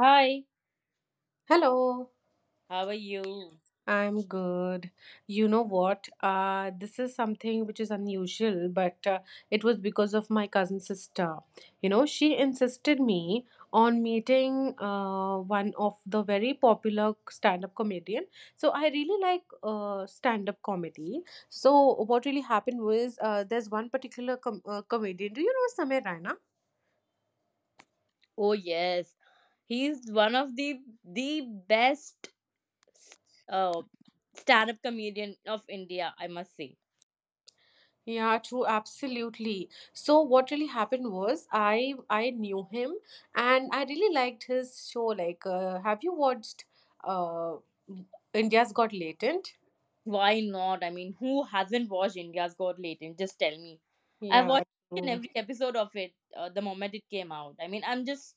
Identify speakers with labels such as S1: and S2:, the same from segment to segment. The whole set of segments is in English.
S1: Hi,
S2: Hello,
S1: how are you?
S2: I'm good. You know what? This is something which is unusual, but it was because of my cousin sister. You know, she insisted me on meeting one of the very popular stand-up comedian. So I really like stand-up comedy. So what really happened was there's one particular comedian. Do you know Samir Raina?
S1: Oh yes, he's one of the best uh, stand-up comedian of India, I must say.
S2: Yeah, true, absolutely. So what really happened was I knew him and I really liked his show. Like, have you watched uh India's Got Latent?
S1: Why not? I mean, who hasn't watched India's Got Latent? Just tell me. I've
S2: Yeah,
S1: watched each and
S2: true.
S1: every episode of it the moment it came out. I mean, I'm just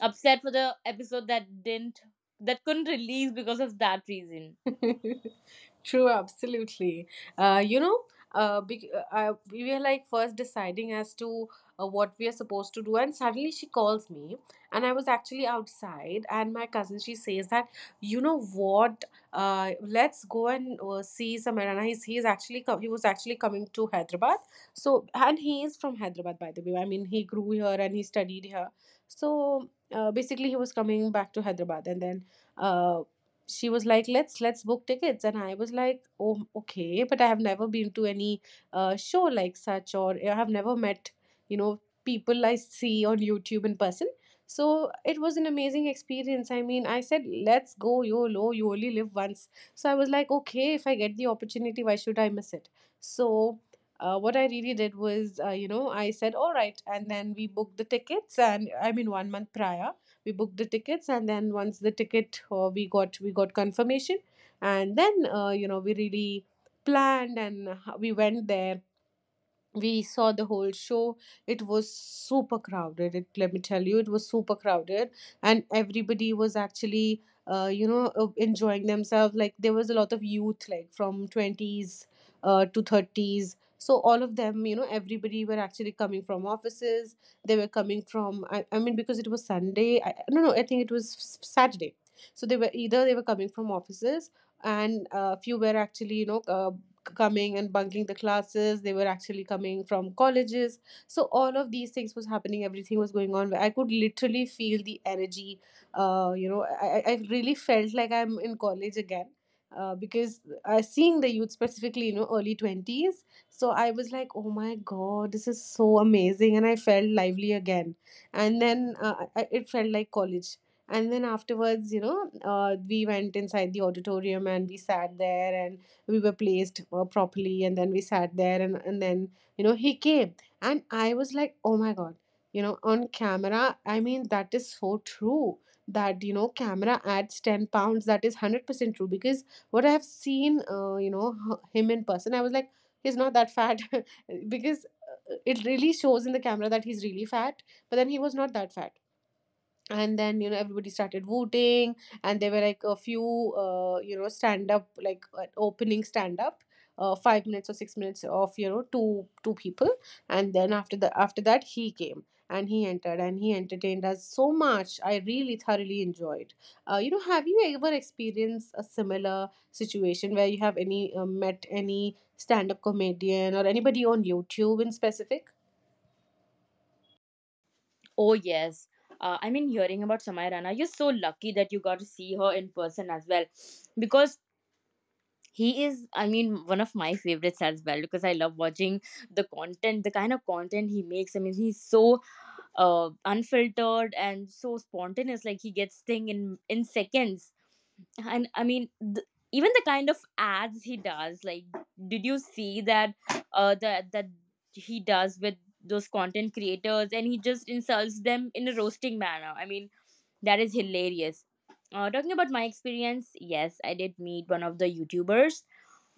S1: upset for the episode that didn't that couldn't release because of that reason.
S2: True, absolutely. Uh, you know, we were like first deciding as to what we are supposed to do, and suddenly she calls me, and I was actually outside, and my cousin she says that you know what, let's go and see Samarana. He's actually he was actually coming to Hyderabad, so, and he is from Hyderabad, by the way. I mean, he grew here and he studied here, so basically he was coming back to Hyderabad, and then uh, she was like let's book tickets. And I was like, oh, okay, but I have never been to any show like such, or I have never met you know people I see on YouTube in person. So it was an amazing experience. I mean, I said let's go, YOLO, you only live once. So I was like, okay, if I get the opportunity, why should I miss it? So what I really did was you know, I said all right, and then we booked the tickets, and I mean 1 month prior we booked the tickets. And then once the ticket we got confirmation, and then you know, we really planned and we went there. We saw the whole show. It was super crowded, let me tell you, it was super crowded. And everybody was actually, enjoying themselves. Like, there was a lot of youth, like from 20s to 30s. So all of them, you know, everybody were actually coming from offices. They were coming from I mean, because it was Sunday. No, no, I think it was Saturday. So they were either, they were coming from offices, and a few were actually, coming and bunking the classes. They were actually coming from colleges. So all of these things was happening, everything was going on. I could literally feel the energy. I really felt like I'm in college again, because I seeing the youth specifically, you know, early 20s. So I was like, oh my god, this is so amazing, and I felt lively again. And then it felt like college. And then afterwards, you know, we went inside the auditorium, and we sat there, and we were placed properly, and then we sat there and then, you know, he came. And I was like, oh my god, you know, on camera, I mean, that is so true, that you know, camera adds 10 pounds. That is 100% true, because what I have seen, him in person, I was like, he's not that fat. Because it really shows in the camera that he's really fat, but then he was not that fat. And then, you know, everybody started voting. And there were like a few, stand up, like opening stand up, 5 minutes or 6 minutes, of you know, two people. And then after the after that, he came, and he entered, and he entertained us so much. I really thoroughly enjoyed. You know, have you ever experienced a similar situation where you have any met any stand up comedian or anybody on YouTube in specific?
S1: Oh, yes. I mean, hearing about Samaya Rana, you're so lucky that you got to see her in person as well. Because he is, I mean, one of my favorites as well. Because I love watching the content, the kind of content he makes. I mean, he's so unfiltered and so spontaneous. Like, he gets thing in seconds and I mean even the kind of ads he does. Like, did you see that that he does with those content creators, and he just insults them in a roasting manner? I mean, that is hilarious. Talking about my experience, yes, I did meet one of the YouTubers.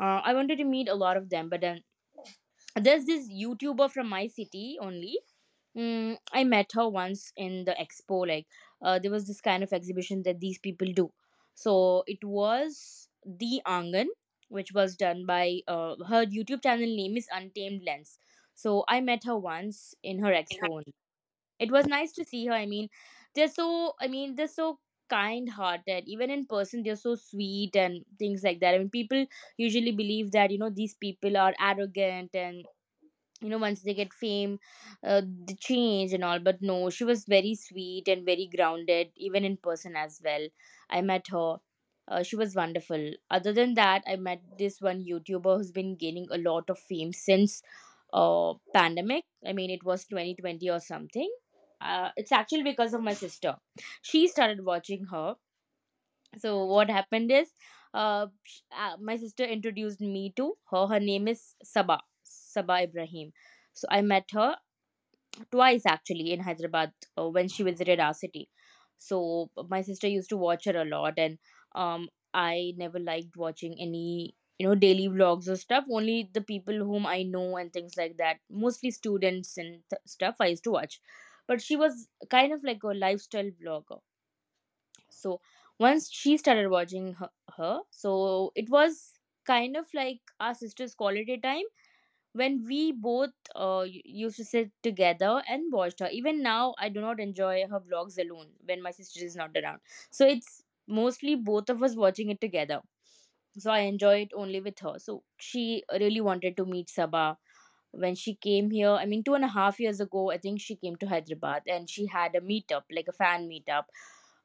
S1: I wanted to meet a lot of them, but then there's this YouTuber from my city only. Mm, I met her once in the expo. Like, there was this kind of exhibition that these people do. So it was the Angan, which was done by her YouTube channel name is Untamed Lens. So I met her once in her expo only. It was nice to see her. I mean, they're so, I mean, they're so kind-hearted. Even in person, they're so sweet and things like that. I mean, people usually believe that, you know, these people are arrogant, and you know, once they get fame, uh, the change and all. But no, she was very sweet and very grounded, even in person as well. I met her. She was wonderful. Other than that, I met this one YouTuber who's been gaining a lot of fame since pandemic. I mean, it was 2020 or something. It's actually because of my sister, she started watching her. So what happened is, uh, sh- my sister introduced me to her. Her name is Saba Ibrahim. So I met her twice actually in Hyderabad, when she visited our city. So my sister used to watch her a lot, and um, I never liked watching any, you know, daily vlogs or stuff, only the people whom I know and things like that, mostly students and stuff I used to watch. But she was kind of like a lifestyle vlogger. So once she started watching her, so it was kind of like our sister's quality time when we both used to sit together and watched her. Even now I do not enjoy her vlogs alone when my sister is not around. So it's mostly both of us watching it together. So I enjoy it only with her. So she really wanted to meet Sabah when she came here. I mean, 2.5 years ago, I think she came to Hyderabad, and she had a meetup like a fan meetup.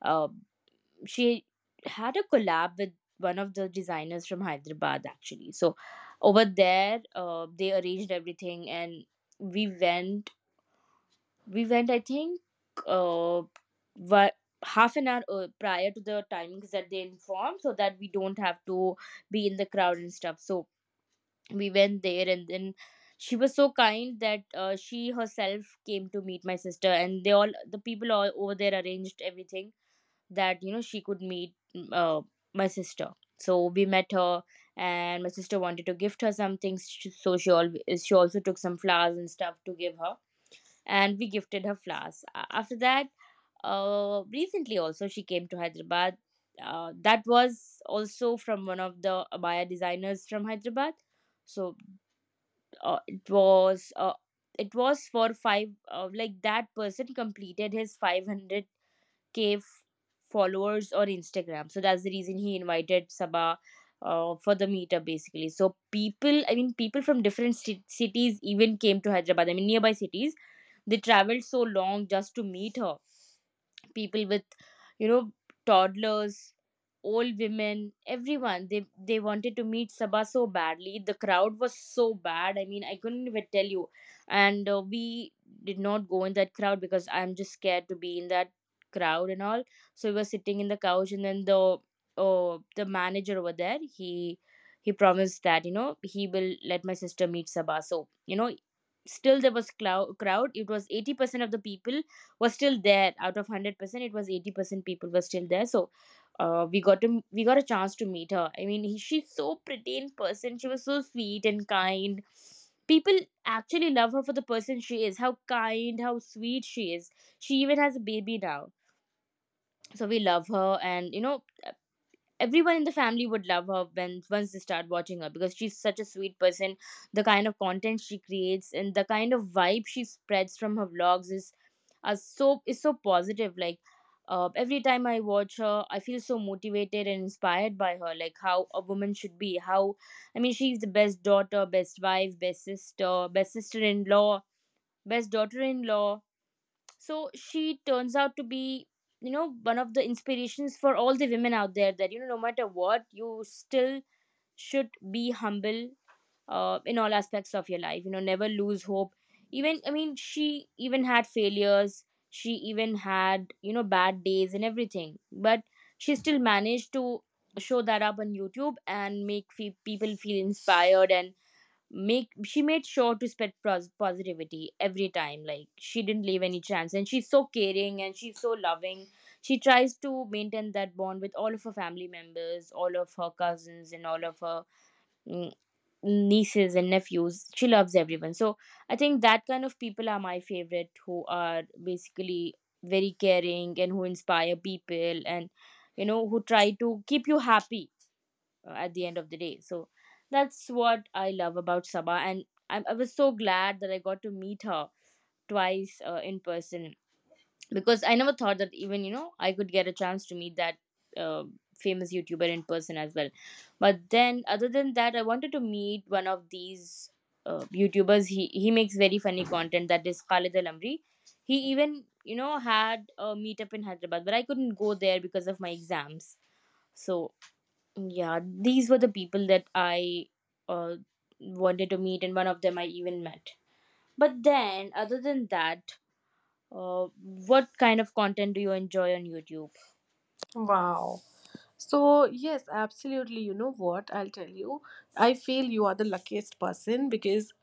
S1: uh, she had a collab with one of the designers from Hyderabad actually. So over there, they arranged everything, and we went. We went, I think, uh, what half an hour prior to the timings that they informed, so that we don't have to be in the crowd and stuff. So we went there, and then she was so kind that she herself came to meet my sister, and they, all the people all over there, arranged everything that, you know, she could meet my sister. So we met her, and my sister wanted to gift her some things. So she always, she also took some flowers and stuff to give her, and we gifted her flowers. After that, recently also she came to Hyderabad. That was also from one of the abaya designers from Hyderabad. So uh, it was uh, it was for five, like that person completed his 500 cave followers on Instagram. So that's the reason he invited Sabah, for the meetup basically. So people, I mean, people from different cities even came to Hyderabad. I mean, nearby cities, they traveled so long just to meet her. People with, you know, toddlers, old women, everyone, they wanted to meet Sabha so badly. The crowd was so bad, I mean, I couldn't even tell you. And we did not go in that crowd because I'm just scared to be in that crowd and all. So we were sitting in the couch, and then the, the manager over there, he promised that, you know, he will let my sister meet Sabha. So, you know, still there was crowd. It was 80% of the people was still there. Out of 100%, it was 80% people were still there. So we got a chance to meet her. I mean, he, she's so pretty in person. She was so sweet and kind. People actually love her for the person she is, how kind, how sweet she is. She even has a baby now. So we love her, and you know, everyone in the family would love her when, once they start watching her, because she's such a sweet person. The kind of content she creates and the kind of vibe she spreads from her vlogs is, are so, is so positive. Like, every time I watch her, I feel so motivated and inspired by her, like how a woman should be, how, I mean, she's the best daughter, best wife, best sister, best sister-in-law, best daughter-in-law. So she turns out to be, you know, one of the inspirations for all the women out there, that, you know, no matter what, you still should be humble, in all aspects of your life. You know, never lose hope. Even, I mean, she even had failures, she even had, you know, bad days and everything, but she still managed to show that up on YouTube and make people feel inspired, and make, she made sure to spread positivity every time. Like, she didn't leave any chance, and she's so caring, and she's so loving. She tries to maintain that bond with all of her family members, all of her cousins, and all of her mm, nieces and nephews. She loves everyone. So I think that kind of people are my favorite, who are basically very caring and who inspire people, and you know, who try to keep you happy at the end of the day. So that's what I love about Sabah, and I was so glad that I got to meet her twice in person, because I never thought that, even, you know, I could get a chance to meet that uh, famous YouTuber in person as well. But then, other than that, I wanted to meet one of these YouTubers. He makes very funny content. That is Khalid Al Amri. He, even, you know, had a meetup in Hyderabad, but I couldn't go there because of my exams. So yeah, these were the people that I uh, wanted to meet, and one of them I even met. But then, other than that, what kind of content do you enjoy on YouTube?
S2: Wow. So, yes, absolutely. You know what? I'll tell you. I feel you are the luckiest person, because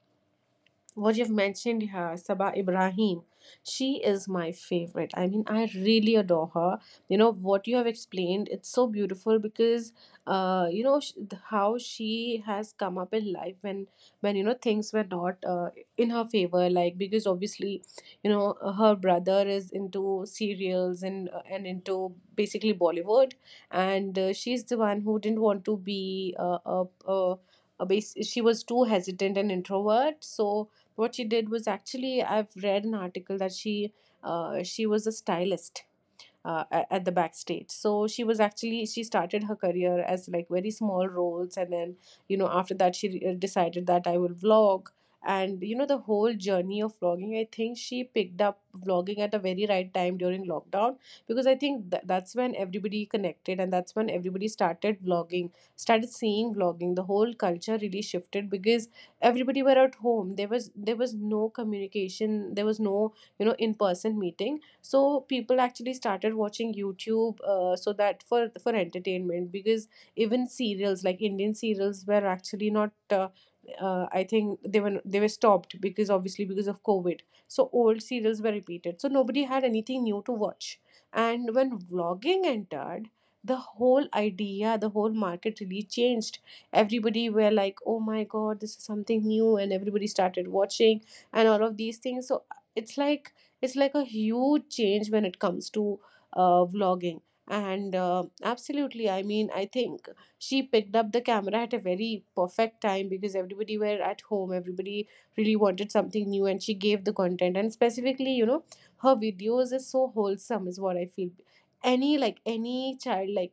S2: what you've mentioned here, Sabah Ibrahim, she is my favorite. I mean, I really adore her. You know, what you have explained, it's so beautiful because, you know, how she has come up in life when, you know, things were not in her favor. Like, because obviously, you know, her brother is into serials and, into basically Bollywood. And she's the one who didn't want to be a base, she was too hesitant and introvert. So, what she did was, actually I've read an article that she, she was a stylist at the backstage. So she was actually, she started her career as like very small roles. And then you know, after that, decided that I will vlog. And you know, the whole journey of vlogging, I think she picked up vlogging at a very right time during lockdown. Because I think that's when everybody connected, and that's when everybody started vlogging, started seeing vlogging. The whole culture really shifted because everybody were at home. There was no communication, there was no, you know, in person meeting. So people actually started watching YouTube, so that for entertainment. Because even serials like Indian serials were actually not, I think they were, they were stopped because obviously, because of COVID. So old serials were repeated, so nobody had anything new to watch. And when vlogging entered, the whole idea, the whole market really changed. Everybody were like, oh my god, this is something new. And everybody started watching and all of these things. So it's like, it's like a huge change when it comes to vlogging. And absolutely, I mean, I think she picked up the camera at a very perfect time, because everybody were at home. Everybody really wanted something new, and she gave the content. And specifically, you know, her videos is so wholesome, is what I feel. Any, like any child, like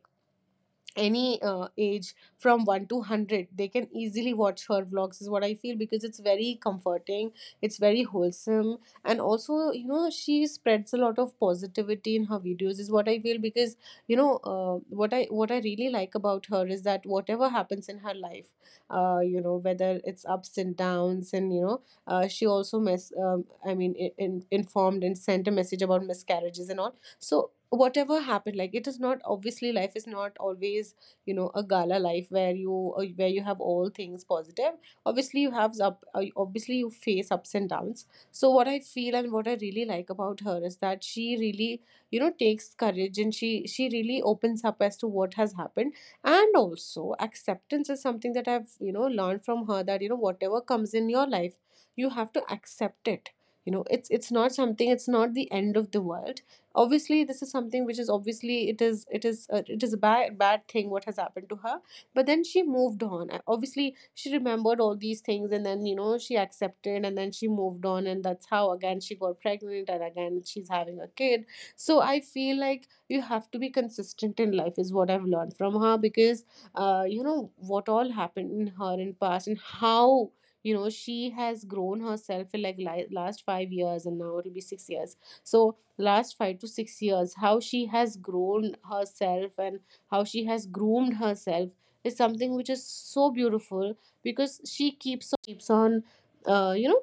S2: any age from 1 to 100, they can easily watch her vlogs, is what I feel, because it's very comforting, it's very wholesome. And also, you know, she spreads a lot of positivity in her videos, is what I feel, because you know, what I, what I really like about her is that whatever happens in her life, you know, whether it's ups and downs and you know, she also mess I mean informed and sent a message about miscarriages and all. So whatever happened, like it is not, obviously life is not always, you know, a gala life where you have all things positive. Obviously you have up obviously you face ups and downs. So what I feel and what I really like about her is that she really, you know, takes courage, and she really opens up as to what has happened. And also, acceptance is something that I've, you know, learned from her, that you know, whatever comes in your life, you have to accept it. You know, it's not something, it's not the end of the world. Obviously this is something which is obviously, it is a bad thing, what has happened to her. But then she moved on. Obviously she remembered all these things, and then you know, she accepted, and then she moved on. And that's how again she got pregnant, and again she's having a kid. So I feel like you have to be consistent in life, is what I've learned from her. Because you know, what all happened in her in past, and how you know, she has grown herself in like last 5 years, and now it'll be 6 years. So last 5 to 6 years, how she has grown herself, and how she has groomed herself is something which is so beautiful, because she keeps on, you know,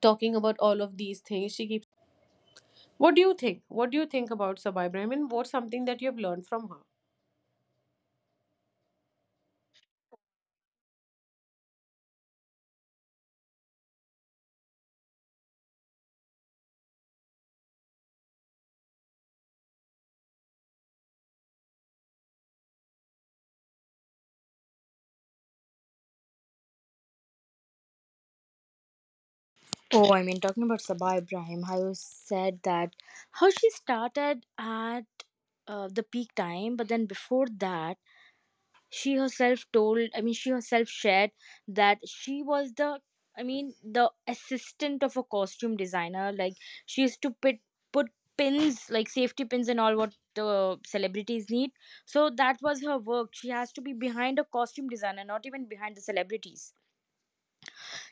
S2: talking about all of these things. She keeps. What do you think? What do you think about Sabai Ibrahim? And what's something that you have learned from her?
S1: Oh, I mean, talking about Sabah Ibrahim, how you said that, how she started at the peak time, but then before that, she herself told, I mean she herself shared, that she was the, I mean, the assistant of a costume designer. Like, she used to put pins, like safety pins and all, what the celebrities need. So that was her work. She has to be behind a costume designer, not even behind the celebrities.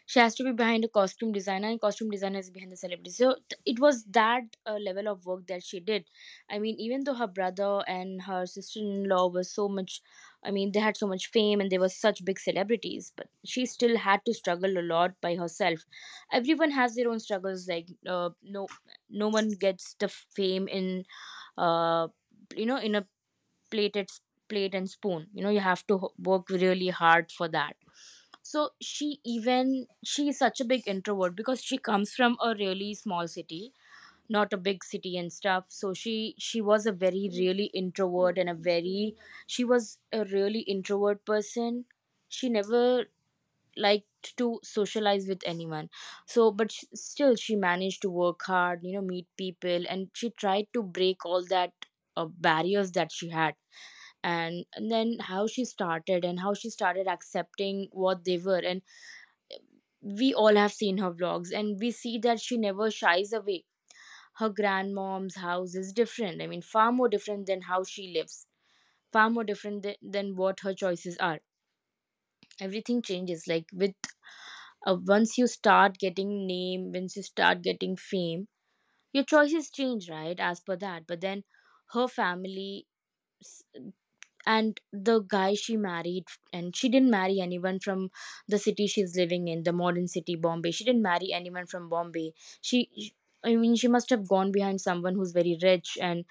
S1: She has to be behind a costume designer, and costume designer is behind the celebrity. So it was that level of work that she did. I mean, even though her brother and her sister-in-law were so much, I mean, they had so much fame and they were such big celebrities, but she still had to struggle a lot by herself. Everyone has their own struggles. Like, no, no one gets the fame in uh, you know, in a plated, plate and spoon. You know, you have to work really hard for that. So she even, she is such a big introvert because she comes from a really small city, not a big city and stuff. So she was a very really introvert, and a very, she was a really introvert person. She never liked to socialize with anyone. So but sh, still, she managed to work hard, you know, meet people, and she tried to break all that barriers that she had. And then how she started and how she started accepting what They were, and we all have seen her vlogs and we see that she never shies away. Her grandmom's house is different. I mean, far more different than how she lives, far more different than what her choices are. Everything changes. Like, with once you start getting name, once you start getting fame, your choices change, right? As per that. But then her family and the guy she married, and she didn't marry anyone from the city she's living in, the modern city Bombay. She didn't marry anyone from Bombay. She, I mean, she must have gone behind someone who's very rich and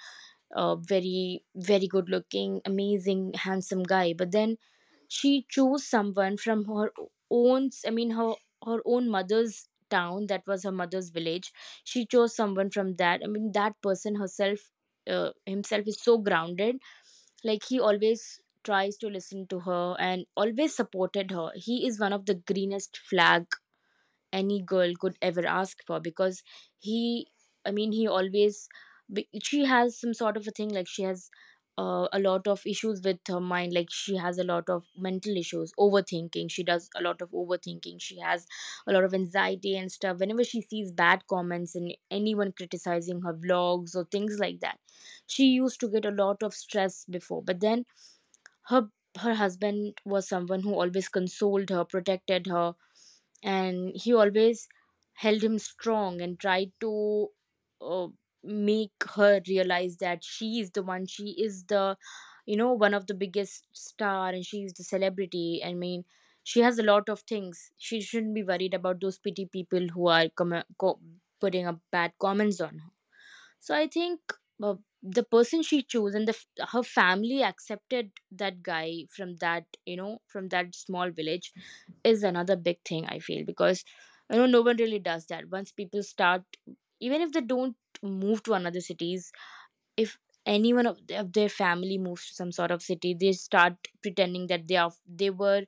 S1: very very good looking, amazing, handsome guy. But then she chose someone from her own, I mean, her her own mother's town. That was her mother's village. She chose someone from that, I mean, that person herself, himself is so grounded. Like, he always tries to listen to her and always supported her. He is one of the greenest flag any girl could ever ask for. Because he, I mean, he always she has some sort of a thing, like she has a lot of issues with her mind. Like, she has a lot of mental issues, overthinking. She does a lot of overthinking. She has a lot of anxiety and stuff whenever she sees bad comments and anyone criticizing her vlogs or things like that. She used to get a lot of stress before, but then her her husband was someone who always consoled her, protected her, and he always held him strong and tried to uh, make her realize that she is the one. She is the, you know, one of the biggest star, and she is the celebrity. I mean. She has a lot of things. She shouldn't be worried about those pity people who are putting up bad comments on her. So I think uh, the person she chose and the her family accepted that guy from that, you know, from that small village is another big thing I feel. Because, you know, no one really does that. Once people start, even if they don't move to another cities, if anyone of, of their family moves to some sort of city, they start pretending that they are, they were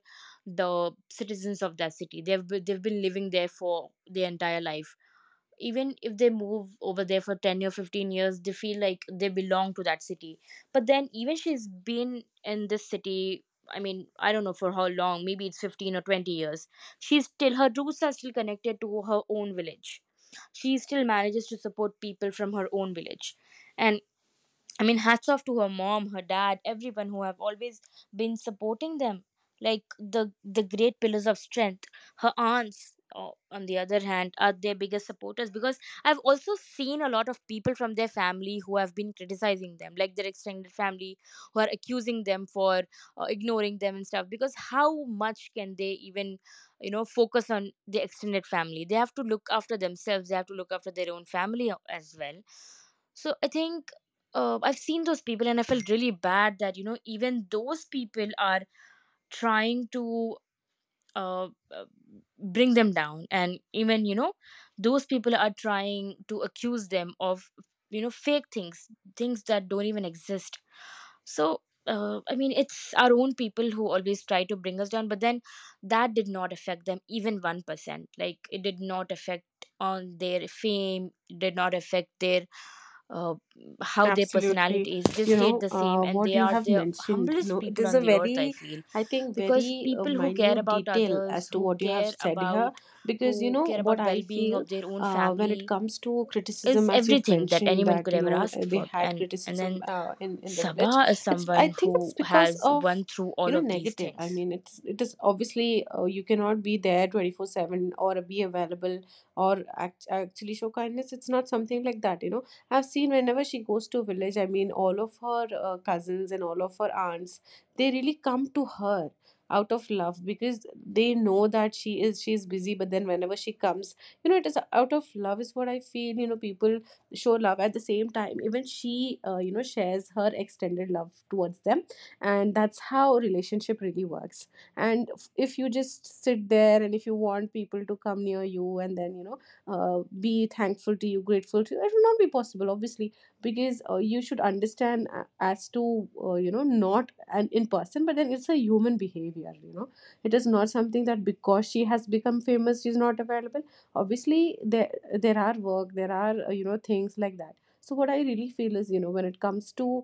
S1: the citizens of that city. They've been living there for their entire life. Even if they move over there for 10 or 15 years, they feel like they belong to that city. But then even she's been in this city, I mean, I don't know for how long, maybe it's 15 or 20 years. She's still, her roots are still connected to her own village. She still manages to support people from her own village. And I mean, hats off to her mom, her dad, everyone who have always been supporting them, like the great pillars of strength. Her aunts, on the other hand, are their biggest supporters. Because I've also seen a lot of people from their family who have been criticizing them, like their extended family, who are accusing them for ignoring them and stuff. Because how much can they even, you know, focus on the extended family? They have to look after themselves. They have to look after their own family as well. So I think I've seen those people and I felt really bad that, you know, even those people are trying to uh, uh, bring them down, and even, you know, those people are trying to accuse them of, you know, fake things, things that don't even exist. So, I mean, it's our own people who always try to bring us down, but then that did not affect them even 1%. Like, it did not affect on their fame, it did not affect their uh, how their
S2: Absolutely.
S1: personality is. They
S2: You
S1: stayed
S2: know,
S1: the same, and
S2: what
S1: they
S2: you
S1: are
S2: have
S1: the
S2: mentioned,
S1: humblest
S2: no, it
S1: people
S2: is a
S1: on the earth, I
S2: very,
S1: feel.
S2: I think,
S1: Because
S2: very
S1: people who care
S2: minute
S1: about
S2: detail as
S1: others,
S2: to
S1: who
S2: what you have
S1: care
S2: said
S1: about,
S2: here. Because, you
S1: who
S2: know,
S1: care
S2: what
S1: about
S2: I
S1: well-being
S2: feel
S1: of their own
S2: when it
S1: family
S2: comes to
S1: is
S2: criticism, as you've
S1: everything that
S2: mentioned,
S1: anyone
S2: that,
S1: could
S2: you
S1: ever
S2: know,
S1: ask
S2: they
S1: for.
S2: had
S1: And
S2: criticism
S1: then
S2: in the village,
S1: Sabah is
S2: it's, I
S1: someone
S2: think it's
S1: who
S2: because
S1: has
S2: of,
S1: won through
S2: you
S1: all
S2: know,
S1: of these
S2: negative. I
S1: things.
S2: mean, it's, it is obviously you cannot be there 24/7, or be available, actually show kindness. It's not something like that. You know, I've seen whenever she goes to village. I mean, all of her cousins and all of her aunts, they really come to her out of love because they know that she is busy, but then whenever she comes, you know, it is out of love is what I feel. You know, people show love at the same time. Even she, you know, shares her extended love towards them, and that's how relationship really works. And if you just sit there and if you want people to come near you and then, you know, be thankful to you, grateful to you, it will not be possible obviously, because you should understand as to, you know, not an in person, but then it's a human behavior. You know, it is not something that because she has become famous, she's not available. Obviously there are work, there are, you know, things like that. So what I really feel is, you know, when it comes to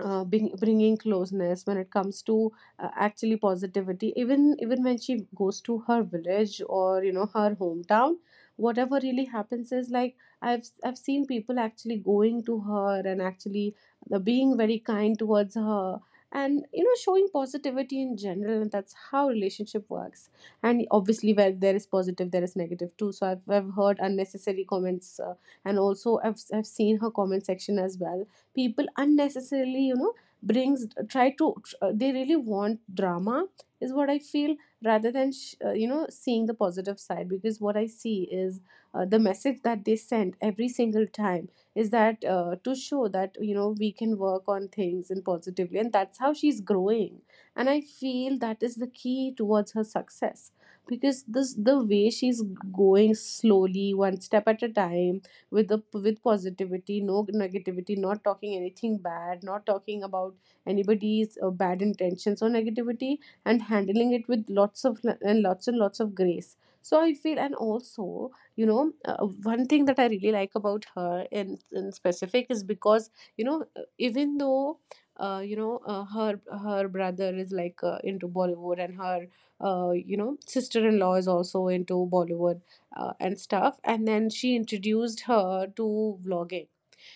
S2: bringing closeness, when it comes to, actually positivity, even when she goes to her village or, you know, her hometown, whatever really happens is like I've seen people actually going to her and actually being very kind towards her. And you know, showing positivity in general, and that's how relationship works. And obviously where there is positive, there is negative too. So I've heard unnecessary comments, and also I've seen her comment section as well. People unnecessarily, you know, brings, try to, they really want drama is what I feel, rather than you know, seeing the positive side. Because what I see is, the message that they send every single time is that, to show that, you know, we can work on things and positively, and that's how she's growing. And I feel that is the key towards her success, because this the way she's going slowly one step at a time, with the with positivity, no negativity, not talking anything bad, not talking about anybody's bad intentions or negativity, and handling it with lots of and lots of grace. So I feel, and also, you know, one thing that I really like about her in specific is because, you know, even though, her her brother is like into Bollywood, and her, you know, sister-in-law is also into Bollywood and stuff. And then she introduced her to vlogging.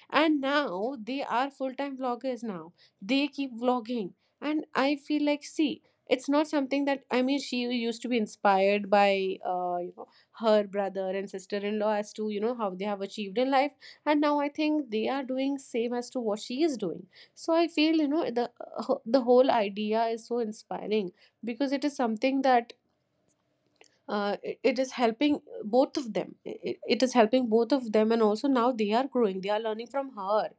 S2: And now they are full time vloggers now. They keep vlogging. And I feel like, see, it's not something that, I mean, she used to be inspired by, you know, her brother and sister in law as to, you know, how they have achieved in life. And now I think they are doing same as to what she is doing. So I feel, you know, the whole idea is so inspiring, because it is something that it is helping both of them, it is helping both of them. And also now they are growing, they are learning from her.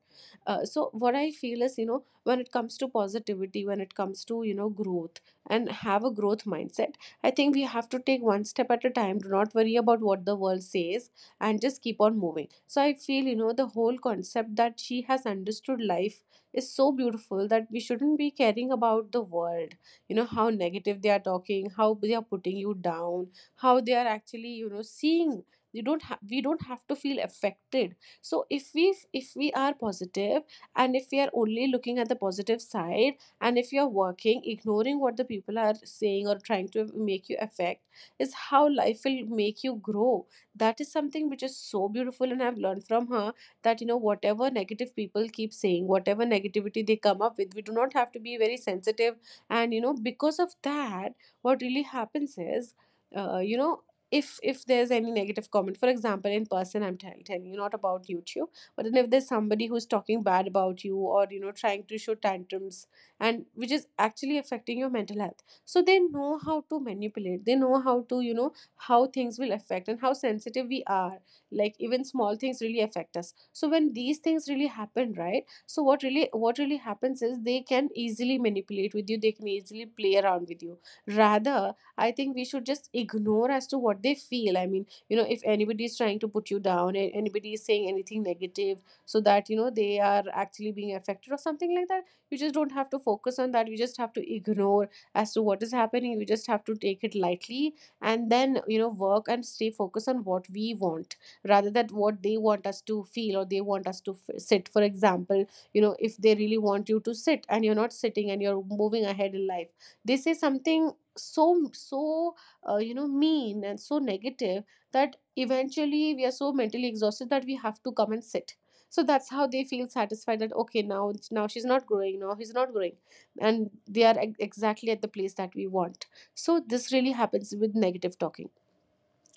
S2: So what I feel is, you know, when it comes to positivity, when it comes to, you know, growth and have a growth mindset, I think we have to take one step at a time, do not worry about what the world says, and just keep on moving. So I feel, you know, the whole concept that she has understood life is so beautiful, that we shouldn't be caring about the world, you know, how negative they are talking, how they are putting you down, how they are actually, you know, seeing. You don't ha- we don't have to feel affected. So if we, if we are positive, and if we are only looking at the positive side, and if you are working, ignoring what the people are saying or trying to make you affect, is how life will make you grow. That is something which is so beautiful, and I've learned from her, that, you know, whatever negative people keep saying, whatever negativity they come up with, we do not have to be very sensitive. And you know, because of that, what really happens is, you know, if there's any negative comment, for example, in person, I'm telling you, not about YouTube, but then if there's somebody who's talking bad about you, or you know, trying to show tantrums, and which is actually affecting your mental health, so they know how to manipulate, they know how to, you know, how things will affect and how sensitive we are. Like even small things really affect us. So when these things really happen, right, so what really happens is, they can easily manipulate with you, they can easily play around with you. Rather, I think we should just ignore as to what they feel. I mean, you know, if anybody is trying to put you down, anybody is saying anything negative, so that you know they are actually being affected or something like that, you just don't have to focus on that. You just have to ignore as to what is happening. You just have to take it lightly, and then you know, work and stay focused on what we want, rather than what they want us to feel, or they want us to sit. For example, you know, if they really want you to sit and you're not sitting and you're moving ahead in life, they say something so you know, mean and so negative, that eventually we are so mentally exhausted that we have to come and sit. So that's how they feel satisfied, that okay, now she's not growing, now he's not growing, and they are exactly at the place that we want. So this really happens with negative talking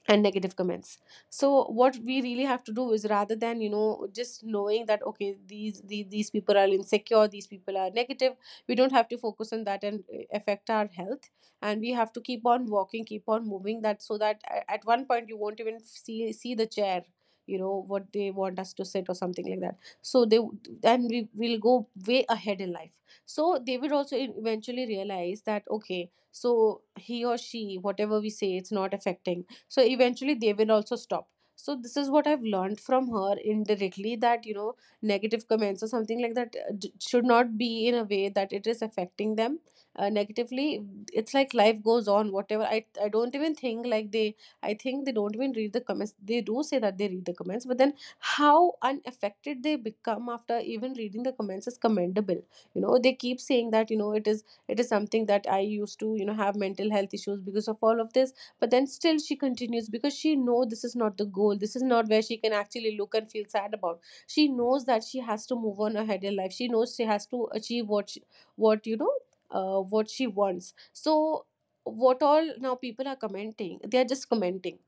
S2: and negative comments. So what we really have to do is, rather than, you know, just knowing that okay, these people are insecure, these people are negative, we don't have to focus on that and affect our health, and we have to keep on walking, keep on moving that, so that at one point you won't even see the chair, you know, what they want us to sit or something like that. So they, and we will go way ahead in life, so they will also eventually realize that okay, so he or she, whatever we say, it's not affecting. So eventually they will also stop. So this is what I've learned from her indirectly, that you know, negative comments or something like that should not be in a way that it is affecting them negatively. It's like life goes on, whatever. I don't even think like they, I think they don't even read the comments. They do say that they read the comments, but then how unaffected they become after even reading the comments is commendable. You know, they keep saying that, you know, it is, it is something that I used to, you know, have mental health issues because of all of this, but then still she continues, because she knows this is not the goal, this is not where she can actually look and feel sad about. She knows that she has to move on ahead in life, she knows she has to achieve what, you know, what she wants. So what all now people are commenting, they are just commenting.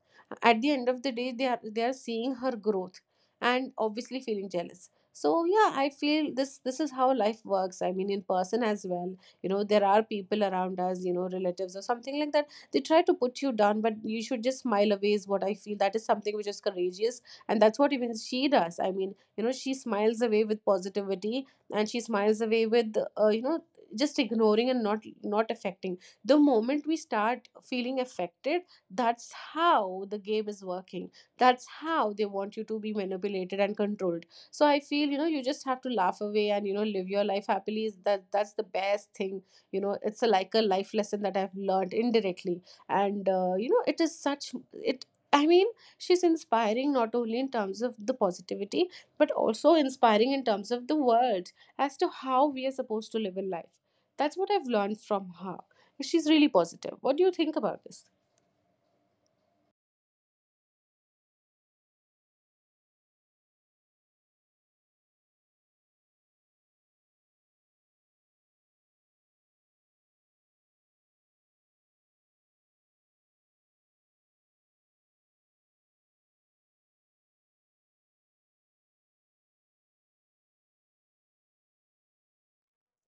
S2: At the end of the day, they are seeing her growth, and obviously feeling jealous. So yeah, I feel this is how life works, I mean, in person as well. You know, there are people around us, you know, relatives or something like that, they try to put you down, but you should just smile away is what I feel. That is something which is courageous, and that's what even she does. I mean, you know, she smiles away with positivity, and she smiles away with, you know, just ignoring and not, not affecting. The moment we start feeling affected, that's how the game is working, that's how they want you to be manipulated and controlled. So I feel, you know, you just have to laugh away, and you know, live your life happily, is that's the best thing. You know, it's a, like a life lesson that I've learned indirectly. And you know, it is such it, I mean, she's inspiring not only in terms of the positivity, but also inspiring in terms of the world, as to how we are supposed to live in life. That's what I've learned from her. She's really positive. What do you think about this?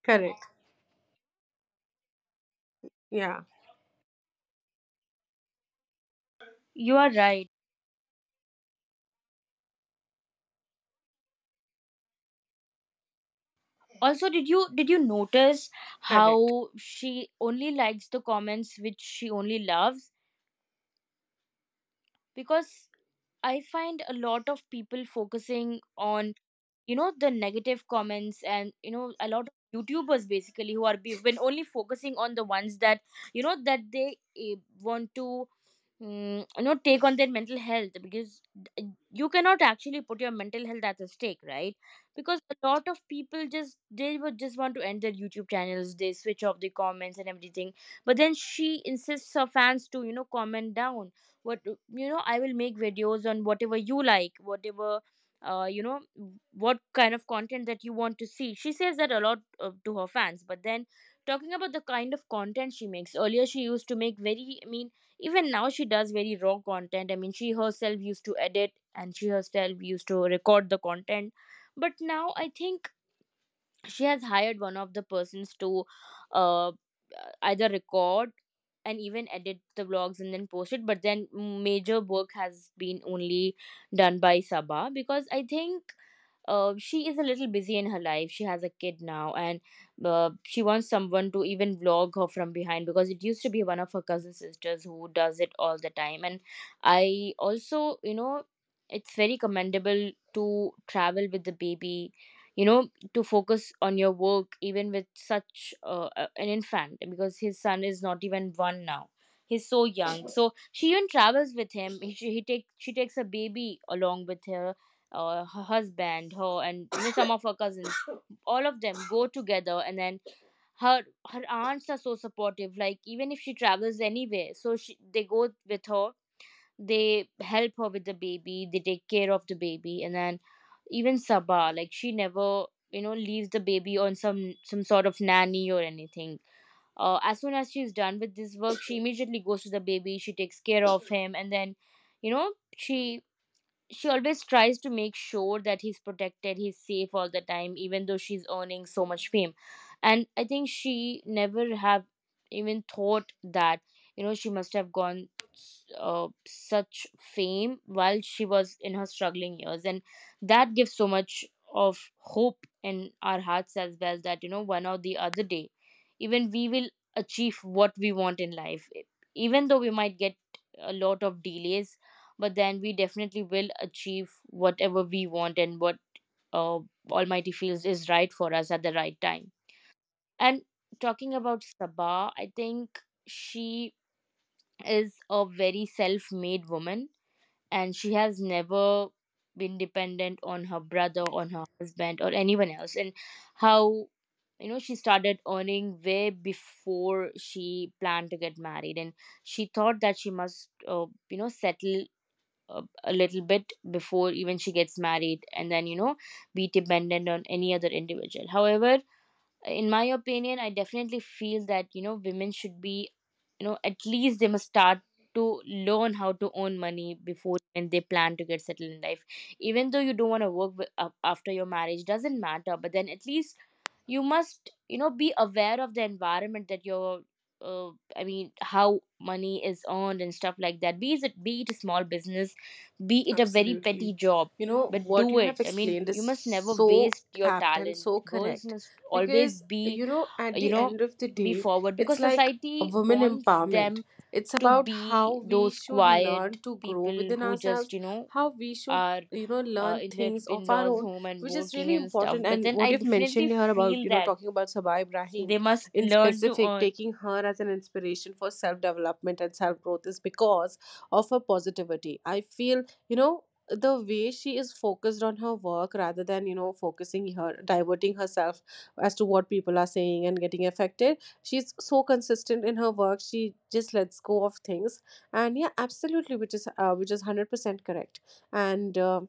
S2: Correct. Yeah,
S1: You are right. Also, did you notice
S2: correct.
S1: how she only likes the comments which she only loves? Because I find a lot of people focusing on, you know, the negative comments. And, you know, a lot of youtubers basically who are been only focusing on the ones that, you know, that they want to you know, take on their mental health. Because you cannot actually put your mental health at the stake, right? Because a lot of people just, they would just want to end their youtube channels, they switch off the comments and everything. But then she insists her fans to, you know, comment down what, you know, I will make videos on whatever you like, whatever, you know, what kind of content that you want to see. She says that a lot to her fans. But then, talking about the kind of content she makes earlier, she used to make very, I mean, even now she does very raw content. I mean, she herself used to edit and she herself used to record the content. But now I think she has hired one of the persons to uh, uh, either record and even edit the vlogs and then post it. But then major work has been only done by Sabah. Because I think she is a little busy in her life. She has a kid now, and she wants someone to even vlog her from behind, because it used to be one of her cousin sisters who does it all the time. And I also, you know, it's very commendable to travel with the baby. You know, to focus on your work even with such an infant. Because his son is not even one now, he's so young. So she even travels with him. He, she, he take, She takes a baby along with her, her husband, her, and you know, some of her cousins, all of them go together. And then her her aunts are so supportive, like even if she travels anywhere, so they go with her. They help her with the baby, they take care of the baby. And then even Sabah, like, she never, you know, leaves the baby on some sort of nanny or anything. As soon as she's done with this work, she immediately goes to the baby, she takes care of him. And then, you know, she always tries to make sure that he's protected, he's safe all the time, even though she's earning so much fame. And I think she never have even thought that, you know, she must have gone such fame while she was in her struggling years, and that gives so much of hope in our hearts as well, that you know, one or the other day, even we will achieve what we want in life, even though we might get a lot of delays, but then we definitely will achieve whatever we want and what uh, Almighty feels is right for us at the right time. And talking about Sabah, I think she is a very self made woman, and she has never been dependent on her brother, on her husband, or anyone else. And how, you know, she started earning way before she planned to get married. And she thought that she must, you know, settle a little bit before even she gets married, and then, you know, be dependent on any other individual. However, in my opinion, I definitely feel that, you know, women should be, you know, at least they must start to learn how to earn money before when they plan to get settled in life. Even though you don't want to work with, after your marriage, doesn't matter, but then at least you must, you know, be aware of the environment that you're uh, I mean, how money is earned and stuff like that. Be it a small business, be it a very
S2: Absolutely.
S1: petty job.
S2: You know,
S1: But
S2: what
S1: do
S2: you
S1: it.
S2: have
S1: I mean,
S2: explained is
S1: you must never
S2: so
S1: waste your
S2: apt and
S1: talent.
S2: so
S1: Girls
S2: correct,
S1: must always
S2: because,
S1: be,
S2: you know, at
S1: you
S2: the
S1: know,
S2: end of the
S1: be
S2: day,
S1: forward.
S2: it's
S1: Because
S2: like a
S1: society
S2: woman
S1: wants
S2: empowerment.
S1: them
S2: It's
S1: to
S2: about how
S1: be
S2: we
S1: those
S2: should
S1: quiet
S2: learn to grow
S1: people
S2: within
S1: who just,
S2: ourselves,
S1: you know,
S2: how we should,
S1: are
S2: you know, learn
S1: in their
S2: things of our
S1: in-laws
S2: own,
S1: home and
S2: which is
S1: working
S2: really
S1: and stuff.
S2: important.
S1: But
S2: And
S1: then
S2: what
S1: I
S2: you've
S1: definitely
S2: mentioned here about,
S1: feel
S2: you know,
S1: that
S2: talking about Sabah Ibrahim
S1: they must
S2: in
S1: learn to
S2: specific,
S1: earn.
S2: taking her as an inspiration for self development and self growth is because of her positivity. I feel, you know, the way she is focused on her work, rather than, you know, focusing her, diverting herself as to what people are saying and getting affected, she's so consistent in her work, she just lets go of things. And yeah, absolutely, which is, which is 100% correct. And um,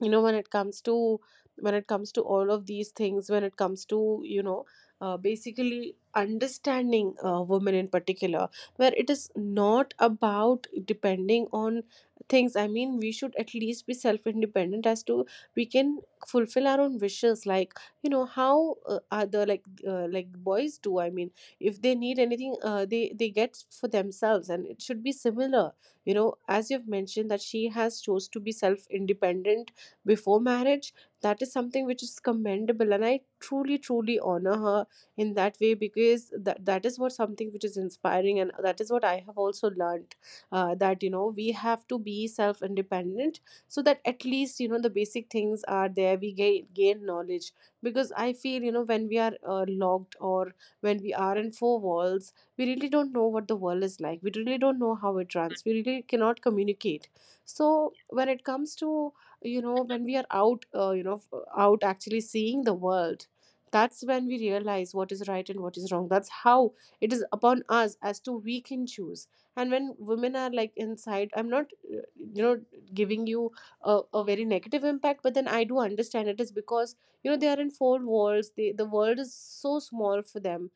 S2: you know, when it comes to all of these things, when it comes to, you know, basically understanding, women in particular, where it is not about depending on things. I mean, we should at least be self independent as to we can fulfill our own wishes, like, you know, how other like boys do. I mean, if they need anything, they get for themselves, and it should be similar. You know, as you've mentioned, that she has chose to be self independent before marriage. That is something which is commendable, and I truly truly honor her in that way, because that is what something which is inspiring, and that is what I have also learned, that, you know, we have to be self independent, so that at least, you know, the basic things are there, we gain knowledge. Because I feel, you know, when we are locked, or when we are in four walls, we really don't know what the world is like, we really don't know how it runs, we really cannot communicate. So when it comes to, you know, when we are out, out actually seeing the world, that's when we realize what is right and what is wrong. That's how it is upon us as to we can choose. And when women are like inside, I'm not, you know, giving you a very negative impact, but then I do understand it is because, you know, they are in four walls, the world is so small for them,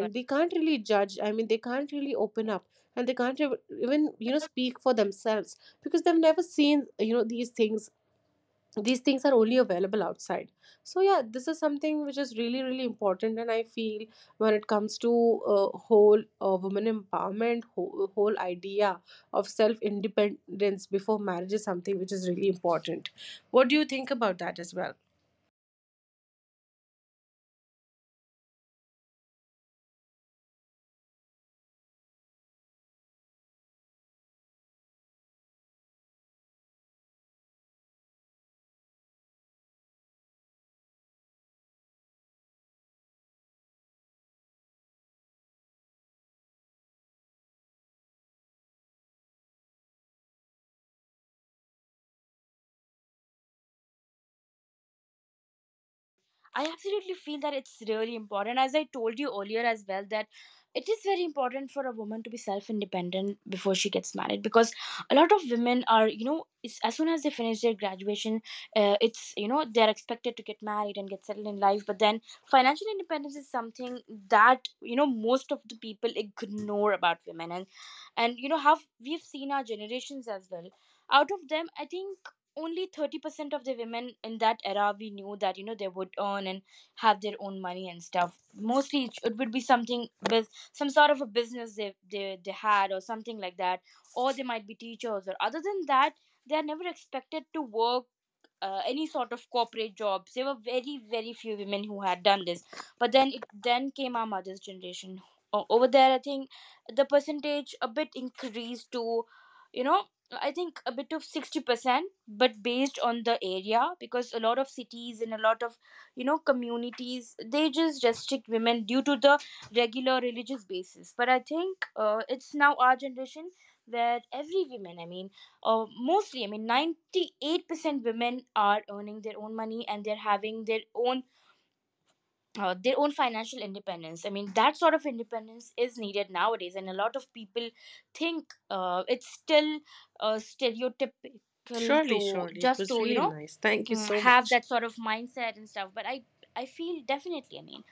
S1: But,
S2: they can't really judge. I mean, they can't really open
S1: yeah.
S2: up, and they can't even, you know, speak for themselves, because they've never seen, you know, these things. These things are only available outside. So yeah, this is something which is really really important. And I feel, when it comes to, whole women empowerment, whole idea of self independence before marriage is something which is really important. What do you think about that as well?
S1: I absolutely feel that it's really important, as I told you earlier as well, that it is very important for a woman to be self independent before she gets married. Because a lot of women are, you know, it's, as soon as they finish their graduation, it's, you know, they're expected to get married and get settled in life. But then financial independence is something that, you know, most of the people ignore about women. And you know, how we've seen our generations as well. Out of them, I think only 30% of the women in that era, we knew that, you know, they would earn and have their own money and stuff. Mostly it, it would be something with some sort of a business they had, or something like that, or they might be teachers. Or other than that, they are never expected to work any sort of corporate jobs. There were very very few women who had done this. But then it, then came our mother's generation. Over there, I think the percentage a bit increased to, you know, I think a bit of 60%, but based on the area. Because a lot of cities and a lot of, you know, communities, they just restrict women due to the regular religious basis. But I think it's now our generation where every woman, I mean, mostly, I mean, 98% women are earning their own money, and they're having their own financial independence. I mean, that sort of independence is needed nowadays, and a lot of people think it's still stereotypical
S2: Surely,
S1: to
S2: surely it
S1: just
S2: was
S1: to, you
S2: really
S1: know,
S2: nice, thank you so
S1: have
S2: much.
S1: that sort of mindset and stuff. But I feel definitely. I mean,